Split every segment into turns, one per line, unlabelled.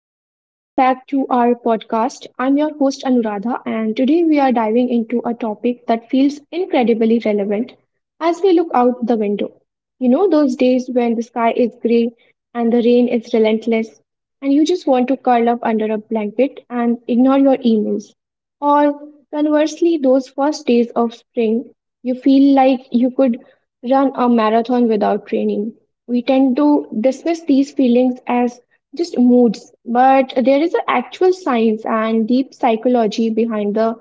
and welcome back to our podcast. I'm your host, Anuradha, and today we are diving into a topic that feels incredibly relevant as we look out the window. You know, those days when the sky is gray and the rain is relentless, and you just want to curl up under a blanket and ignore your emails. Or conversely, those first days of spring, you feel like you could run a marathon without training. We tend to dismiss these feelings as just moods, but there is an actual science and deep psychology behind the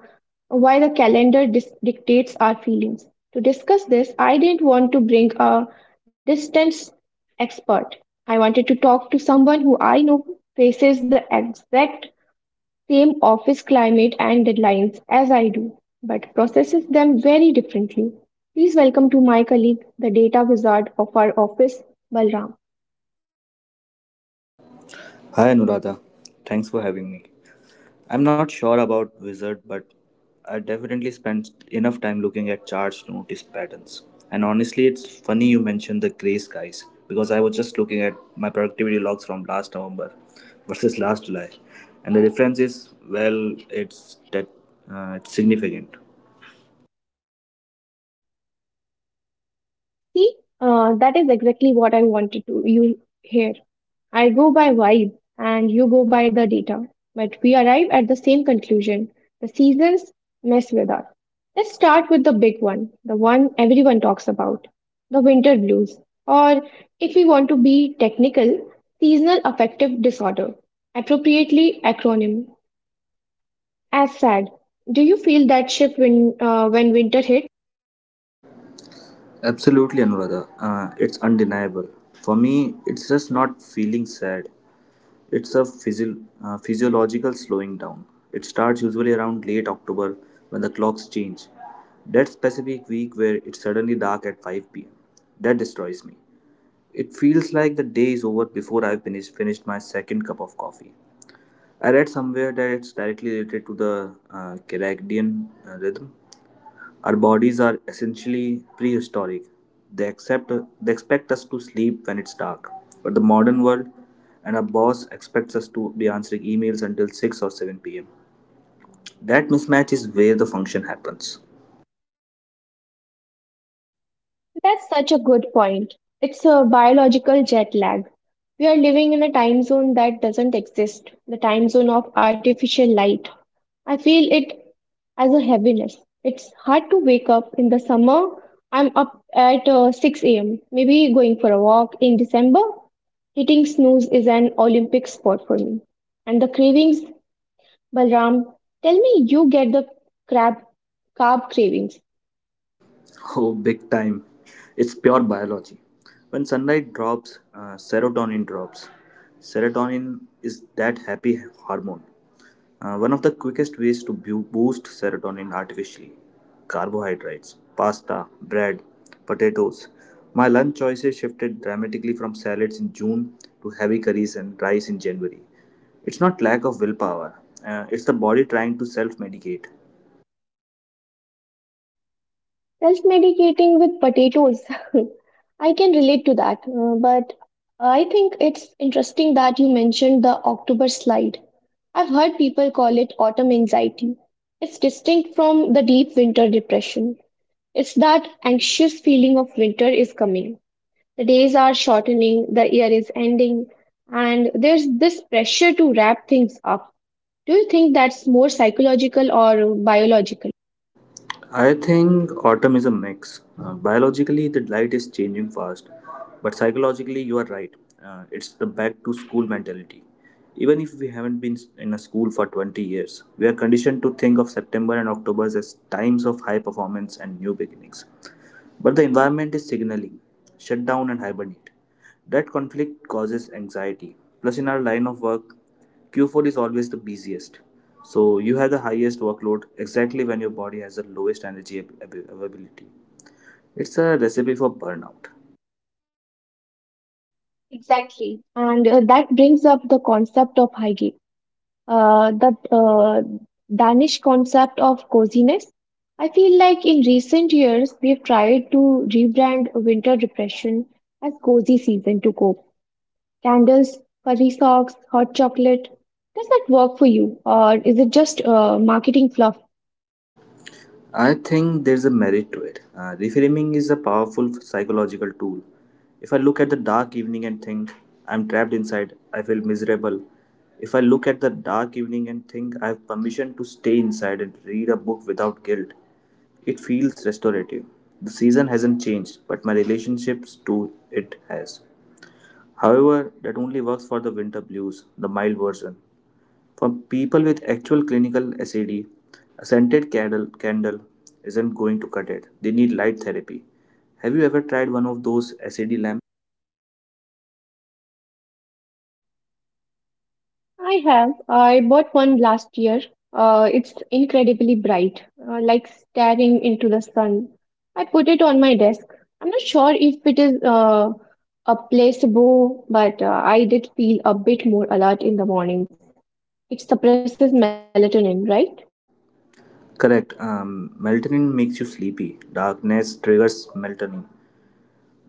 why the calendar dictates our feelings. To discuss this, I didn't want to bring a distance expert. I wanted to talk to someone who I know faces the exact same office climate and deadlines as I do, but processes them very differently. Please welcome to my colleague, the data wizard of our office, Balram.
Hi Anuradha, thanks for having me. I'm not sure about wizard, but I definitely spent enough time looking at charts to notice patterns. And honestly, it's funny you mentioned the grey skies because I was just looking at my productivity logs from last November versus last July, and the difference is, well, it's significant.
See, that is exactly what I wanted to you hear. I go by vibe and you go by the data, but we arrive at the same conclusion. The seasons mess with us. Let's start with the big one, the one everyone talks about, the winter blues, or if we want to be technical, seasonal affective disorder, appropriately acronym as SAD. Do you feel that shift when winter hits?
Absolutely, Anuradha. It's undeniable. For me, it's just not feeling sad. It's a physiological slowing down. It starts usually around late October when the clocks change. That specific week where it's suddenly dark at 5 pm. That destroys me. It feels like the day is over before I've finished my second cup of coffee. I read somewhere that it's directly related to the circadian rhythm. Our bodies are essentially prehistoric. They accept they expect us to sleep when it's dark. But the modern world and our boss expects us to be answering emails until 6 or 7 p.m. That mismatch is where the function happens.
That's such a good point. It's a biological jet lag. We are living in a time zone that doesn't exist, the time zone of artificial light. I feel it as a heaviness. It's hard to wake up in the summer. I'm up at 6 a.m., maybe going for a walk in December. Hitting snooze is an Olympic sport for me. And the cravings, Balram, tell me you get the crab carb cravings.
Oh, big time. It's pure biology. When sunlight drops, serotonin drops. Serotonin is that happy hormone. One of the quickest ways to boost serotonin artificially: carbohydrates, pasta, bread, potatoes. My lunch choices shifted dramatically from salads in June to heavy curries and rice in January. It's not lack of willpower, it's the body trying to self medicate.
Self medicating with potatoes. I can relate to that. But I think it's interesting that you mentioned the October slide. I've heard people call it autumn anxiety. It's distinct from the deep winter depression. It's that anxious feeling of winter is coming. The days are shortening, the year is ending, and there's this pressure to wrap things up. Do you think that's more psychological or biological?
I think autumn is a mix. Biologically, the light is changing fast, but psychologically, you are right. It's the back to school mentality. Even if we haven't been in a school for 20 years, we are conditioned to think of September and October as times of high performance and new beginnings. But the environment is signaling, shut down and hibernate. That conflict causes anxiety. Plus, in our line of work, Q4 is always the busiest. So, you have the highest workload exactly when your body has the lowest energy availability. It's a recipe for burnout.
Exactly. And that brings up the concept of Heige, the Danish concept of coziness. I feel like in recent years, we've tried to rebrand winter depression as cozy season to cope. Candles, furry socks, hot chocolate. Does that work for you, or is it just marketing fluff?
I think there's a merit to it. Reframing is a powerful psychological tool. If I look at the dark evening and think, "I'm trapped inside," I feel miserable. If I look at the dark evening and think, "I have permission to stay inside and read a book without guilt," it feels restorative. The season hasn't changed, but my relationships to it has. However, that only works for the winter blues, the mild version. For people with actual clinical SAD, a D, a scented candle, isn't going to cut it. They need light therapy. Have you ever tried one of those SAD lamps?
I have. I bought one last year. It's incredibly bright, like staring into the sun. I put it on my desk. I'm not sure if it is a placebo, but I did feel a bit more alert in the mornings. It suppresses melatonin, right?
Correct. Melatonin makes you sleepy. Darkness triggers melatonin.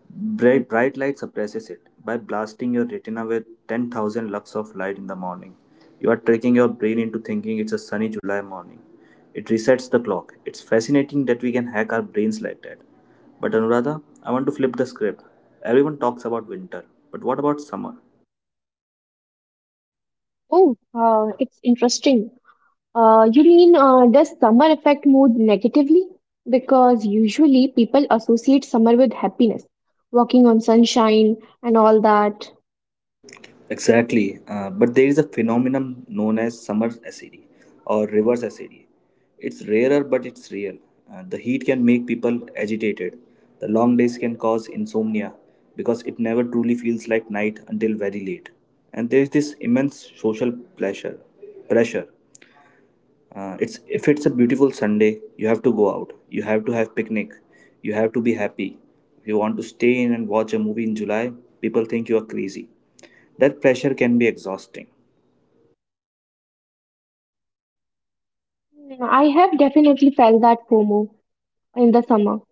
Bright light suppresses it. By blasting your retina with 10,000 lux of light in the morning, you are tricking your brain into thinking it's a sunny July morning. It resets the clock. It's fascinating that we can hack our brains like that. But Anuradha, I want to flip the script. Everyone talks about winter, but what about summer?
Oh, it's interesting. You mean does summer affect mood negatively? Because usually people associate summer with happiness, walking on sunshine and all that.
Exactly, but there is a phenomenon known as summer acidity, or reverse acidity. It's rarer, but it's real. The heat can make people agitated. The long days can cause insomnia because it never truly feels like night until very late. And there is this immense social pressure, pressure it's If it's a beautiful Sunday, you have to go out, you have to have picnic, you have to be happy. If you want to stay in and watch a movie in July, people think you are crazy. That pressure can be exhausting.
Mm, I have definitely felt that FOMO in the summer.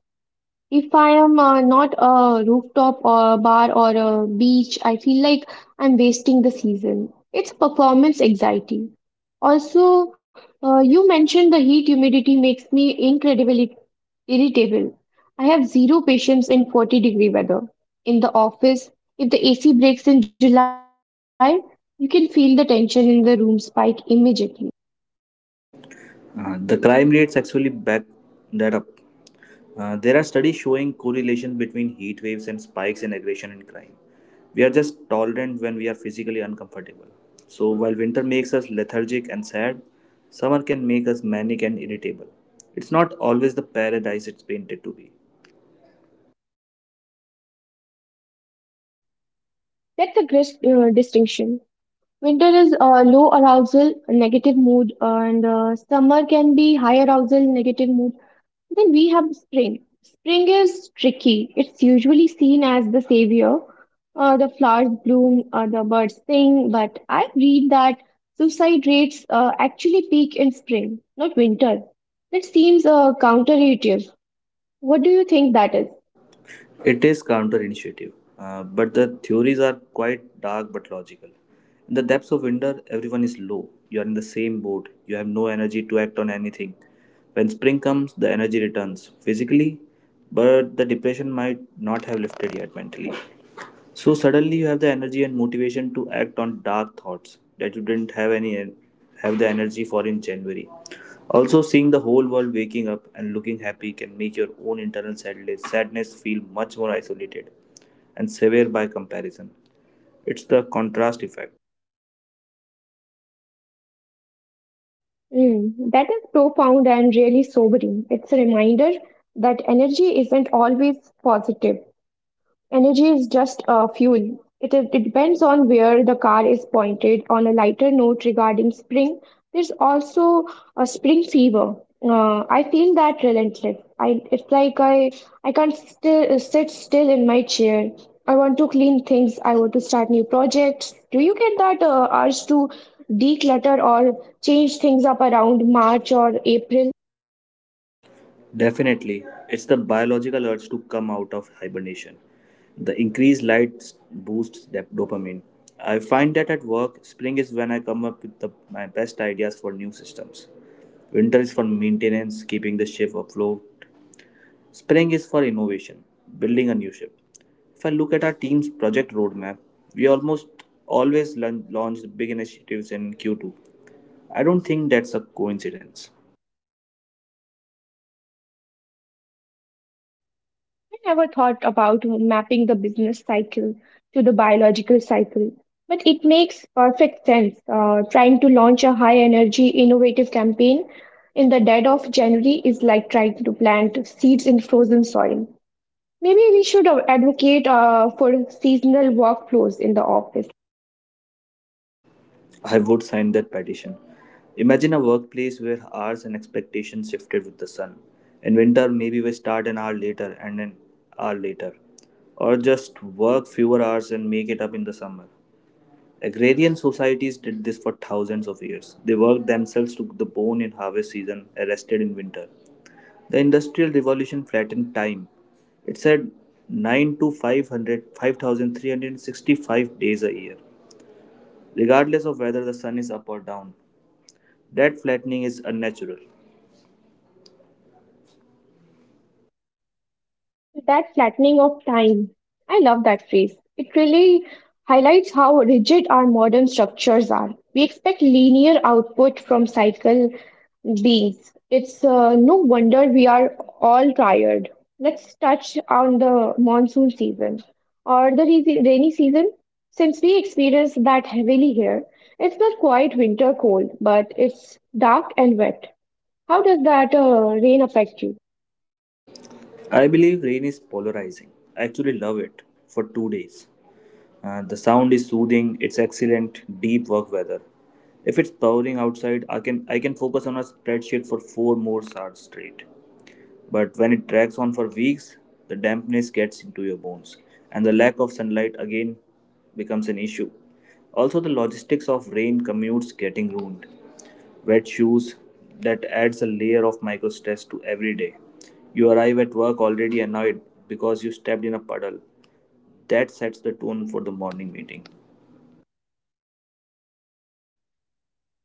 If I am not a rooftop or bar or a beach, I feel like I'm wasting the season. It's performance anxiety. Also, you mentioned the heat humidity makes me incredibly irritable. I have zero patience in 40-degree weather. In the office, if the AC breaks in July, you can feel the tension in the room spike immediately.
The crime rates actually back that up. There are studies showing correlation between heat waves and spikes in aggression and crime. We are just tolerant when we are physically uncomfortable. So while winter makes us lethargic and sad, summer can make us manic and irritable. It's not always the paradise it's painted to be.
That's a great distinction. Winter is low arousal, negative mood, and summer can be high arousal, negative mood. Then we have spring. Spring is tricky. It's usually seen as the savior. The flowers bloom, the birds sing, but I read that suicide rates actually peak in spring, not winter. That seems counterintuitive. What do you think that is?
It is counterintuitive, but the theories are quite dark but logical. In the depths of winter, everyone is low. You are in the same boat. You have no energy to act on anything. When spring comes, the energy returns physically, but the depression might not have lifted yet mentally. So suddenly you have the energy and motivation to act on dark thoughts that you didn't have any have the energy for in January. Also, seeing the whole world waking up and looking happy can make your own internal sadness feel much more isolated and severe by comparison. It's the contrast effect.
Mm, that is profound and really sobering. It's a reminder that energy isn't always positive. Energy is just a fuel. It, is, it depends on where the car is pointed. On a lighter note regarding spring, there's also a spring fever. I feel that relentless. I it's like I can't still sit still in my chair. I want to clean things. I want to start new projects. Do you get that urge to declutter or change things up around March or April?
Definitely, it's the biological urge to come out of hibernation. The increased light boosts dopamine. I find that at work, spring is when I come up with my best ideas for new systems. Winter is for maintenance, keeping the ship afloat. Spring is for innovation, building a new ship. If I look at our team's project roadmap, we almost always launch big initiatives in Q2. I don't think that's a coincidence.
I never thought about mapping the business cycle to the biological cycle, but it makes perfect sense. Trying to launch a high energy, innovative campaign in the dead of January is like trying to plant seeds in frozen soil. Maybe we should advocate for seasonal workflows in the office.
I would sign that petition. Imagine a workplace where hours and expectations shifted with the sun. In winter, maybe we start an hour later, or just work fewer hours and make it up in the summer. Agrarian societies did this for thousands of years. They worked themselves to the bone in harvest season, rested in winter. The Industrial Revolution flattened time. It said 9 to 500, 5,365 days a year, regardless of whether the sun is up or down. That flattening is unnatural.
That flattening of time. I love that phrase. It really highlights how rigid our modern structures are. We expect linear output from cycle beings. It's no wonder we are all tired. Let's touch on the monsoon season or the rainy season. Since we experience that heavily here, it's not quite winter cold, but it's dark and wet. How does that rain affect you?
I believe rain is polarizing. I actually love it for 2 days. The sound is soothing. It's excellent deep work weather. If it's pouring outside, I can focus on a spreadsheet for 4 more hours straight. But when it drags on for weeks, the dampness gets into your bones, and the lack of sunlight again becomes an issue. Also, the logistics of rain commutes getting ruined. Wet shoes, that adds a layer of micro stress to every day. You arrive at work already annoyed because you stepped in a puddle. That sets the tone for the morning meeting.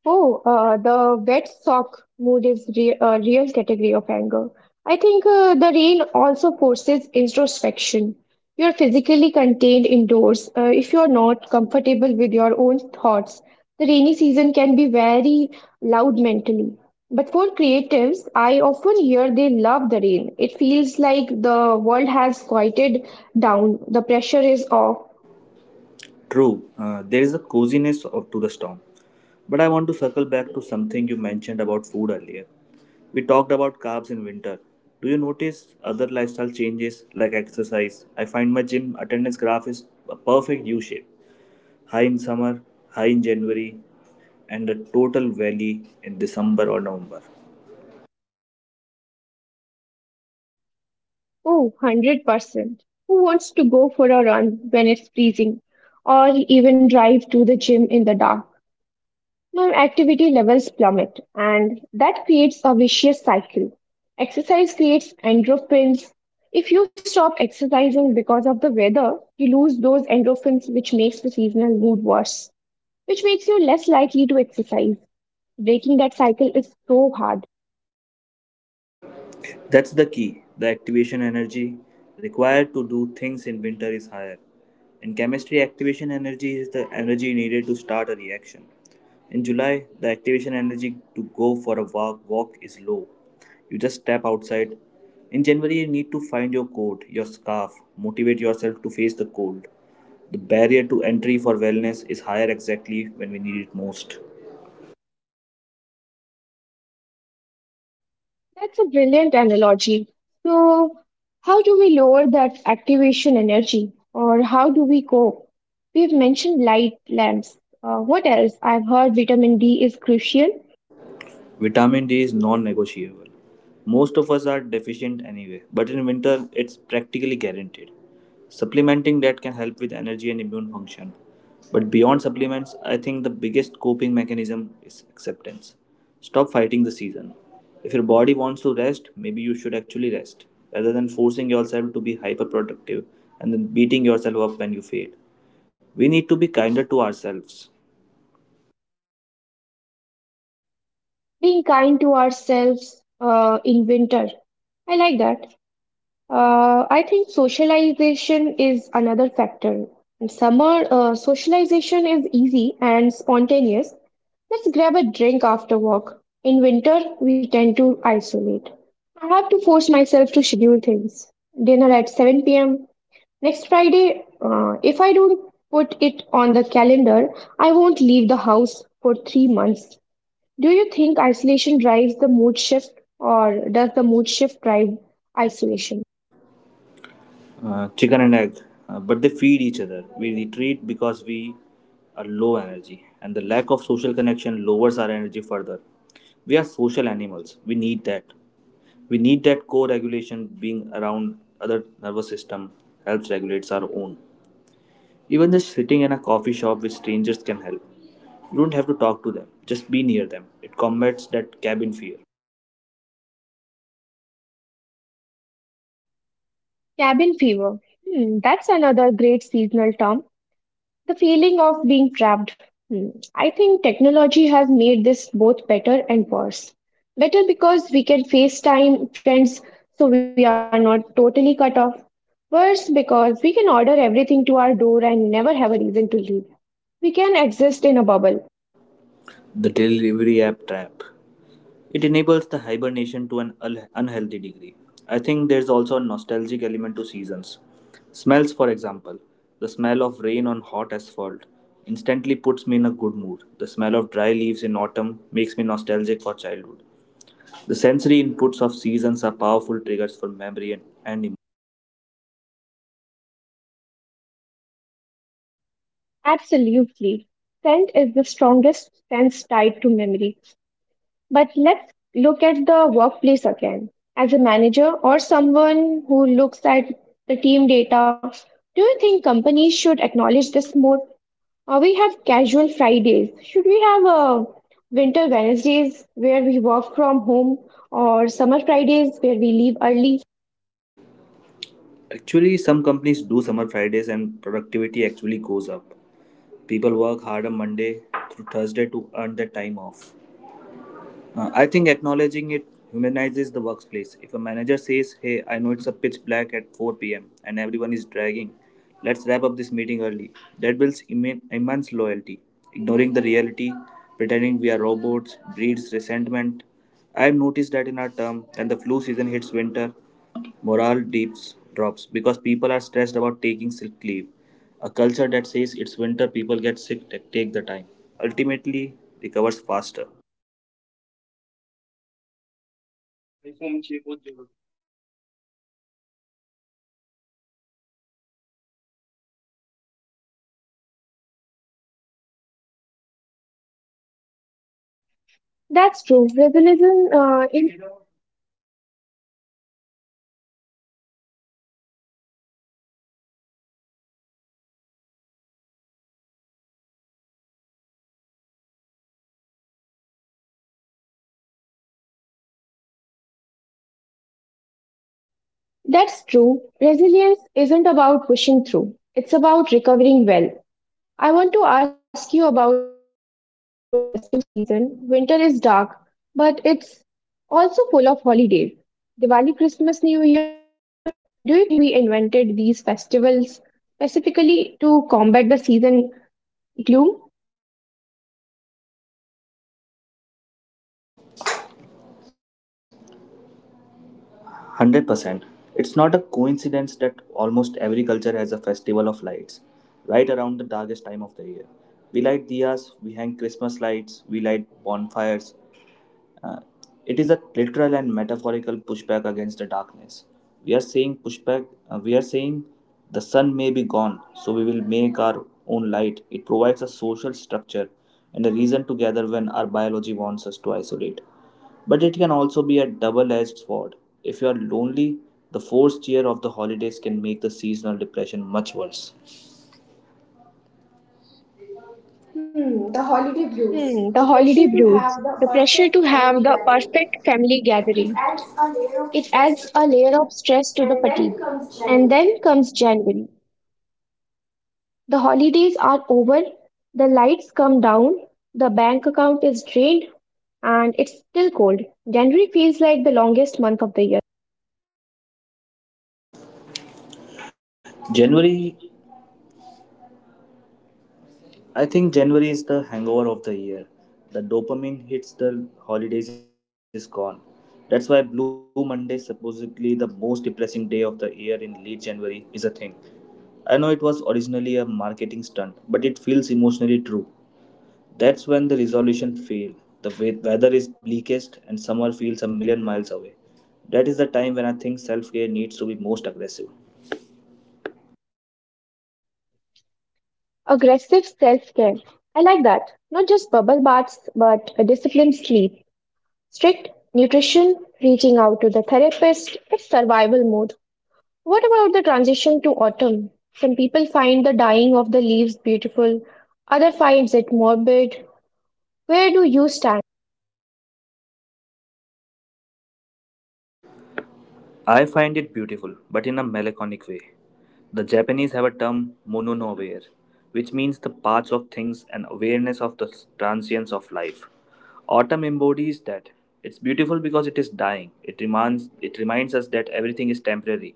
Oh, the wet sock mood is re a real category of anger. I think the rain also forces introspection. You're physically contained indoors. If you're not comfortable with your own thoughts, the rainy season can be very loud mentally. But for creatives, I often hear they love the rain. It feels like the world has quieted down, the pressure is off.
True, there is a coziness to the storm. But I want to circle back to something you mentioned about food earlier. We talked about carbs in winter. Do you notice other lifestyle changes like exercise? I find my gym attendance graph is a perfect U shape. High in summer, high in January, and a total valley in December or November.
Oh, 100%. Who wants to go for a run when it's freezing or even drive to the gym in the dark? My activity levels plummet, and that creates a vicious cycle. Exercise creates endorphins. If you stop exercising because of the weather, you lose those endorphins, which makes the seasonal mood worse, which makes you less likely to exercise. Breaking that cycle is so hard.
That's the key. The activation energy required to do things in winter is higher. In chemistry, activation energy is the energy needed to start a reaction. In July, the activation energy to go for a walk is low. You just step outside. In January, you need to find your coat, your scarf, motivate yourself to face the cold. The barrier to entry for wellness is higher exactly when we need it most.
That's a brilliant analogy. So, how do we lower that activation energy or how do we cope? We've mentioned light lamps. What else? I've heard vitamin D is crucial.
Vitamin D is non-negotiable. Most of us are deficient anyway, but in winter it's practically guaranteed. Supplementing that can help with energy and immune function. But beyond supplements, I think the biggest coping mechanism is acceptance. Stop fighting the season. If your body wants to rest, maybe you should actually rest, rather than forcing yourself to be hyperproductive and then beating yourself up when you fail. We need to be kinder to ourselves.
Being kind to ourselves in winter. I like that. I think socialization is another factor. In summer, socialization is easy and spontaneous. Let's grab a drink after work. In winter, we tend to isolate. I have to force myself to schedule things. Dinner at 7 pm. Next Friday, if I don't put it on the calendar, I won't leave the house for 3 months. Do you think isolation drives the mood shift, or does the mood shift drive isolation?
Chicken and egg, but they feed each other. We retreat because we are low energy, and the lack of social connection lowers our energy further. We are social animals. We need that. We need that co-regulation. Being around other nervous system helps regulates our own. Even just sitting in a coffee shop with strangers can help. You don't have to talk to them. Just be near them. It combats that cabin fear.
Cabin fever. Hmm, that's another great seasonal term. The feeling of being trapped. Hmm. I think technology has made this both better and worse. Better because we can FaceTime friends so we are not totally cut off. Worse because we can order everything to our door and never have a reason to leave. We can exist in a bubble.
The delivery app trap. It enables the hibernation to an unhealthy degree. I think there's also a nostalgic element to seasons. Smells, for example, the smell of rain on hot asphalt instantly puts me in a good mood. The smell of dry leaves in autumn makes me nostalgic for childhood. The sensory inputs of seasons are powerful triggers for memory and emotion.
Absolutely. Scent is the strongest sense tied to memory. But let's look at the workplace again. As a manager or someone who looks at the team data, do you think companies should acknowledge this more? Or we have casual Fridays? Should we have a winter Wednesdays where we work from home or summer Fridays where we leave early?
Actually, some companies do summer Fridays and productivity actually goes up. People work hard on Monday through Thursday to earn their time off. I think acknowledging it humanizes the workplace. If a manager says, "Hey, I know it's a pitch black at 4 p.m. and everyone is dragging, let's wrap up this meeting early," that builds immense loyalty. Ignoring the reality, pretending we are robots, breeds resentment. I've noticed that in our term, when the flu season hits winter, morale drops because people are stressed about taking sick leave. A culture that says it's winter, people get sick, take the time, ultimately recovers faster.
That's true. Realism uh, in That's true. Resilience isn't about pushing through, it's about recovering well. I want to ask you about the festive season. Winter is dark, but it's also full of holidays. Diwali, Christmas, New Year. Do you think we invented these festivals specifically to combat the season gloom?
100%. It's not a coincidence that almost every culture has a festival of lights right around the darkest time of the year. We light diyas, we hang Christmas lights, we light bonfires, uh, it is a literal and metaphorical pushback against the darkness. We are saying pushback, we are saying the sun may be gone, so we will make our own light. It provides a social structure and a reason to gather when our biology wants us to isolate. But it can also be a double edged sword. If you are lonely, the forced cheer of the holidays can make the seasonal depression much worse. Hmm, the holiday blues.
Hmm,
The
the
pressure
holiday
to
blues,
have the
the pressure to
perfect
have
family
the
gathering.
perfect family gathering.
It adds a layer
It
of
adds
stress to
a
the
layer of
fatigue.
stress to the
And
fatigue.
then comes
And
January.
then comes January. The holidays are over, the lights come down, the bank account is drained, and it's still cold. January feels like the longest month of the year.
January, I think January is the hangover of the year. The dopamine hits the holidays is gone. That's why Blue Monday, supposedly the most depressing day of the year in late January, is a thing. I know it was originally a marketing stunt, but it feels emotionally true. That's when the resolution failed. The weather is bleakest and summer feels 1,000,000 miles away. That is the time when I think self care needs to be most aggressive.
Aggressive self care. I like that. Not just bubble baths, but a disciplined sleep, strict nutrition, reaching out to the therapist. It's survival mode. What about the transition to autumn? Some people find the dying of the leaves beautiful, others finds it morbid. Where do you stand?
I find it beautiful, but in a melancholic way. The Japanese have a term mononaware, which means the parts of things and awareness of the transience of life. Autumn embodies that. It's beautiful because it is dying. It reminds us that everything is temporary.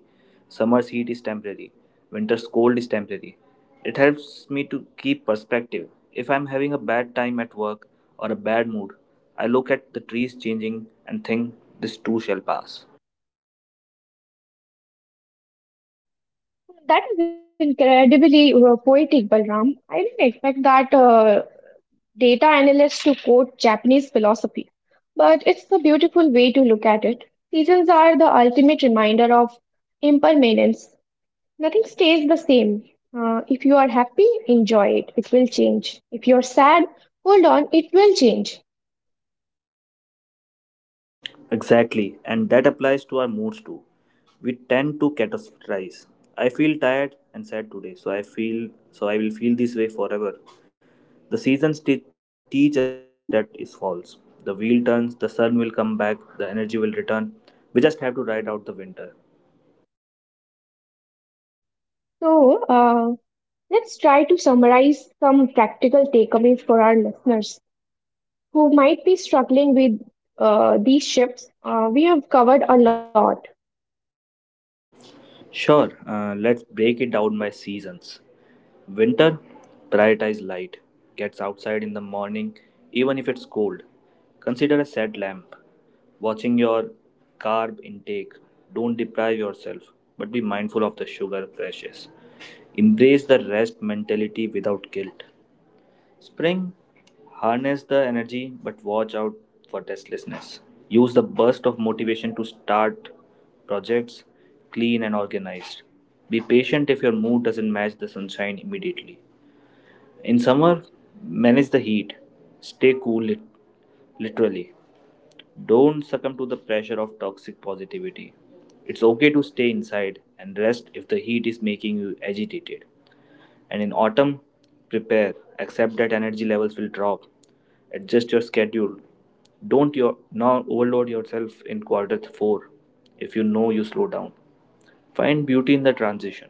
Summer's heat is temporary. Winter's cold is temporary. It helps me to keep perspective. If I'm having a bad time at work or a bad mood, I look at the trees changing and think this too shall pass.
That is incredibly poetic, Balram. I didn't expect that data analyst to quote Japanese philosophy, but it's a beautiful way to look at it. Seasons are the ultimate reminder of impermanence. Nothing stays the same. If you are happy, enjoy it. It will change. If you're sad, hold on, it will change.
Exactly, and that applies to our moods too. We tend to categorize. I feel tired and sad today, so I will feel this way forever. The seasons teach us that is false. The wheel turns, the sun will come back, the energy will return. We just have to ride out the winter.
So, let's try to summarize some practical takeaways for our listeners who might be struggling with these shifts. We have covered a lot.
Sure, let's break it down by seasons. Winter, prioritize light. Gets outside in the morning, even if it's cold. Consider a sad lamp. Watching your carb intake, don't deprive yourself, but be mindful of the sugar crashes. Embrace the rest mentality without guilt. Spring, harness the energy, but watch out for restlessness. Use the burst of motivation to start projects, clean and organized. Be patient if your mood doesn't match the sunshine immediately. In summer, manage the heat. Stay cool, literally. Don't succumb to the pressure of toxic positivity. It's okay to stay inside and rest if the heat is making you agitated. And in autumn, prepare, accept that energy levels will drop. Adjust your schedule. Don't your now overload yourself in quarter 4 if you know you slow down. Find beauty in the transition.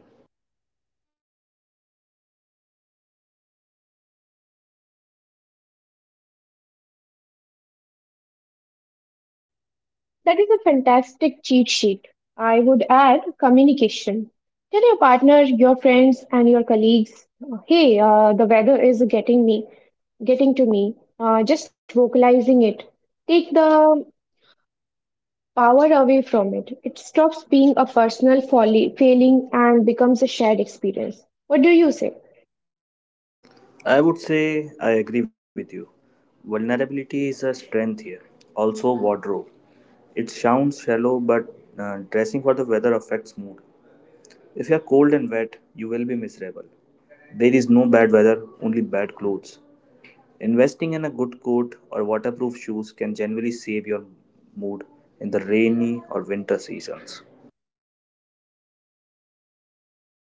That is a fantastic cheat sheet. I would add communication. Tell your partner, your friends, and your colleagues, hey, the weather is getting to me. Just vocalizing it. Take the power away from it. It stops being a personal failing and becomes a shared experience. What do you say?
I would say I agree with you. Vulnerability is a strength here. Also, wardrobe. It sounds shallow, but dressing for the weather affects mood. If you are cold and wet, you will be miserable. There is no bad weather, only bad clothes. Investing in a good coat or waterproof shoes can generally save your mood in the rainy or winter seasons.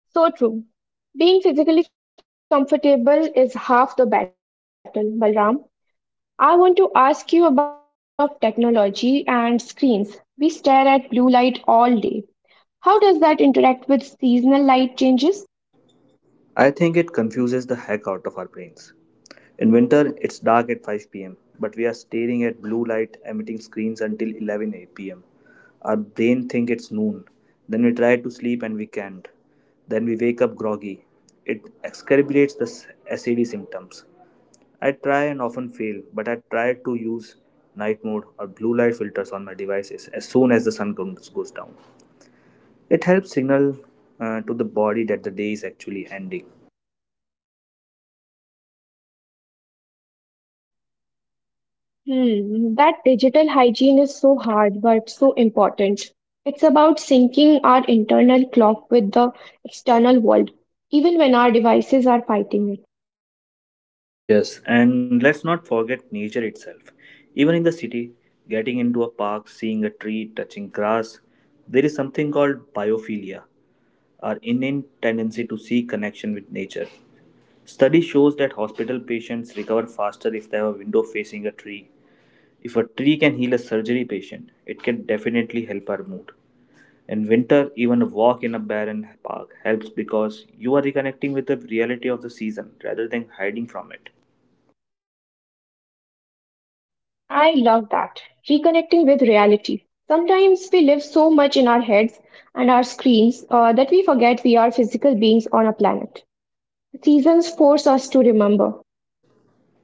So true. Being physically comfortable is half the battle, Balram. I want to ask you about the role of technology and screens. We stare at blue light all day. How does that interact with seasonal light changes?
I think it confuses the heck out of our brains. In winter, it's dark at 5 p.m., but we are staring at blue light emitting screens until 11 pm. Our brain thinks it's noon. Then we try to sleep and we can't. Then we wake up groggy. It exacerbates the SAD symptoms. I try and often fail, but I try to use night mode or blue light filters on my devices as soon as the sun goes down. It helps signal to the body that the day is actually ending.
Hmm, that digital hygiene is so hard but so important. It's about syncing our internal clock with the external world, even when our devices are fighting it.
Yes, and let's not forget nature itself. Even in the city, getting into a park, seeing a tree, touching grass, there is something called biophilia, our innate tendency to seek connection with nature. Study shows that hospital patients recover faster if they have a window facing a tree. If a tree can heal a surgery patient, it can definitely help our mood. In winter, even a walk in a barren park helps because you are reconnecting with the reality of the season rather than hiding from it.
I love that. Reconnecting with reality. Sometimes we live so much in our heads and our screens that we forget we are physical beings on a planet. Seasons force us to remember.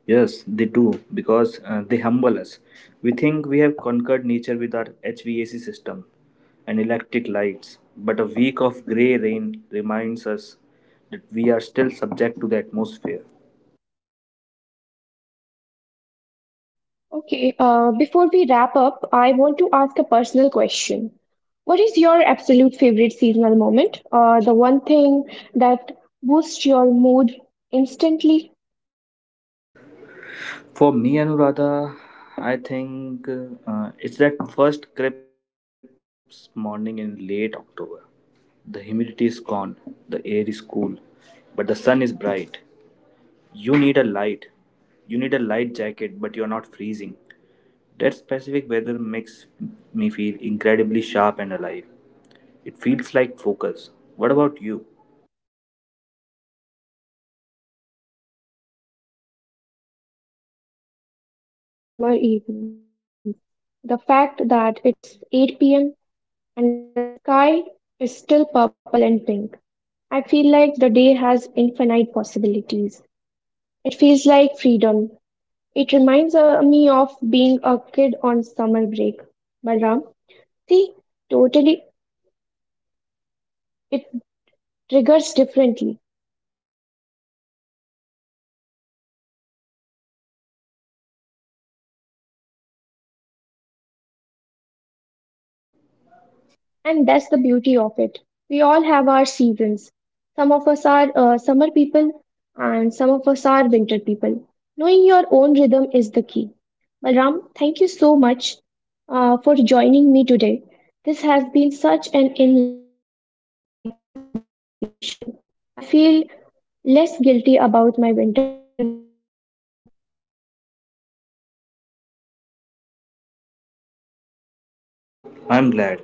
Yes, they do because they humble us. We think we have conquered nature with our HVAC system and electric lights, but a week of grey rain reminds us that we are still subject to the atmosphere.
Okay, before we wrap up, I want to ask a personal question. What is your absolute favorite seasonal moment? The one thing that boosts your mood instantly?
For me, Anuradha, I think it's that first crisp morning in late October. The humidity is gone, the air is cool, but the sun is bright. You need a light. You need a light jacket, but you're not freezing. That specific weather makes me feel incredibly sharp and alive. It feels like focus. What about you?
I think it's the longer summer evening. The fact that it's 8 p.m. and the sky is still purple and pink. I feel like the day has infinite possibilities. It feels like freedom. It reminds me of being a kid on summer break. Balram, see, totally, it triggers differently. And that's the beauty of it. We all have our seasons. Some of us are summer people and some of us are winter people. Knowing your own rhythm is the key. Balram, thank you so much for joining me today. This has been such an enlightening conversation. I feel less guilty about my winter naps already.
I'm glad.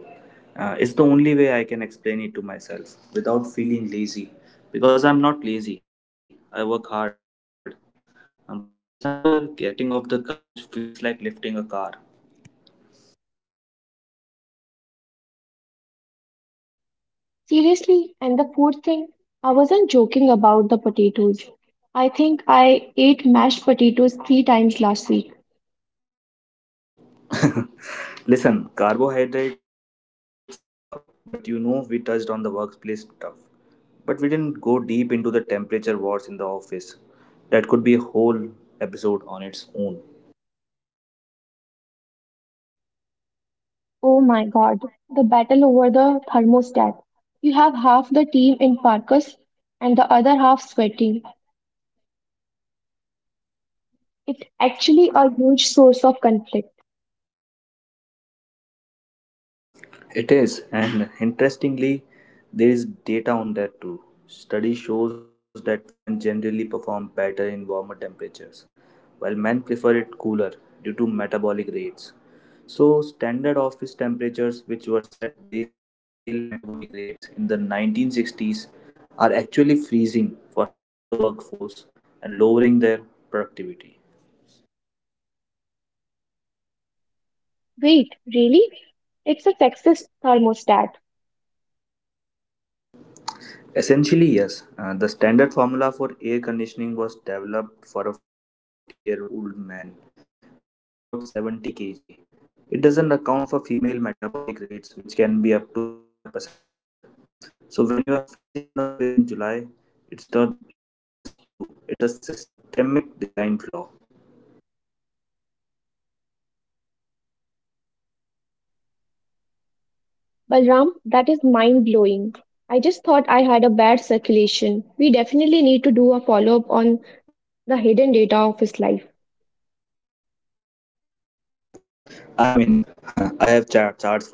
It's the only way I can explain it to myself without feeling lazy. Because I'm not lazy, I work hard. But in December, getting off the couch feels like lifting a car.
Seriously, and the food thing, I wasn't joking about the potatoes. I think I ate mashed potatoes 3 times last week.
Listen, carbohydrates are love, but you know we touched on the workplace stuff. But we didn't go deep into the temperature wars in the office. That could be a whole episode on its own.
Oh my god, the battle over the thermostat. You have half the team in parkas and the other half sweating. It's actually a huge source of conflict.
It is, and interestingly, there is data on that too. Study shows that women generally perform better in warmer temperatures, while men prefer it cooler due to metabolic rates. So, standard office temperatures, which were set based on male metabolic rates in the 1960s, are actually freezing for half the workforce and lowering their productivity.
Wait, really? It's a sexist thermostat.
Essentially, yes. The standard formula for air conditioning was developed for a 40-year-old man weighing about 70 kg. It doesn't account for female metabolic rates, which can be up to 35% lower. So, when you are freezing in the office in July, it's not just you, it's a systemic design flaw.
Balram, that is mind blowing. I just thought I had a bad circulation. We definitely need to do a follow up on the hidden data of his life.
I mean, I have charts for everything.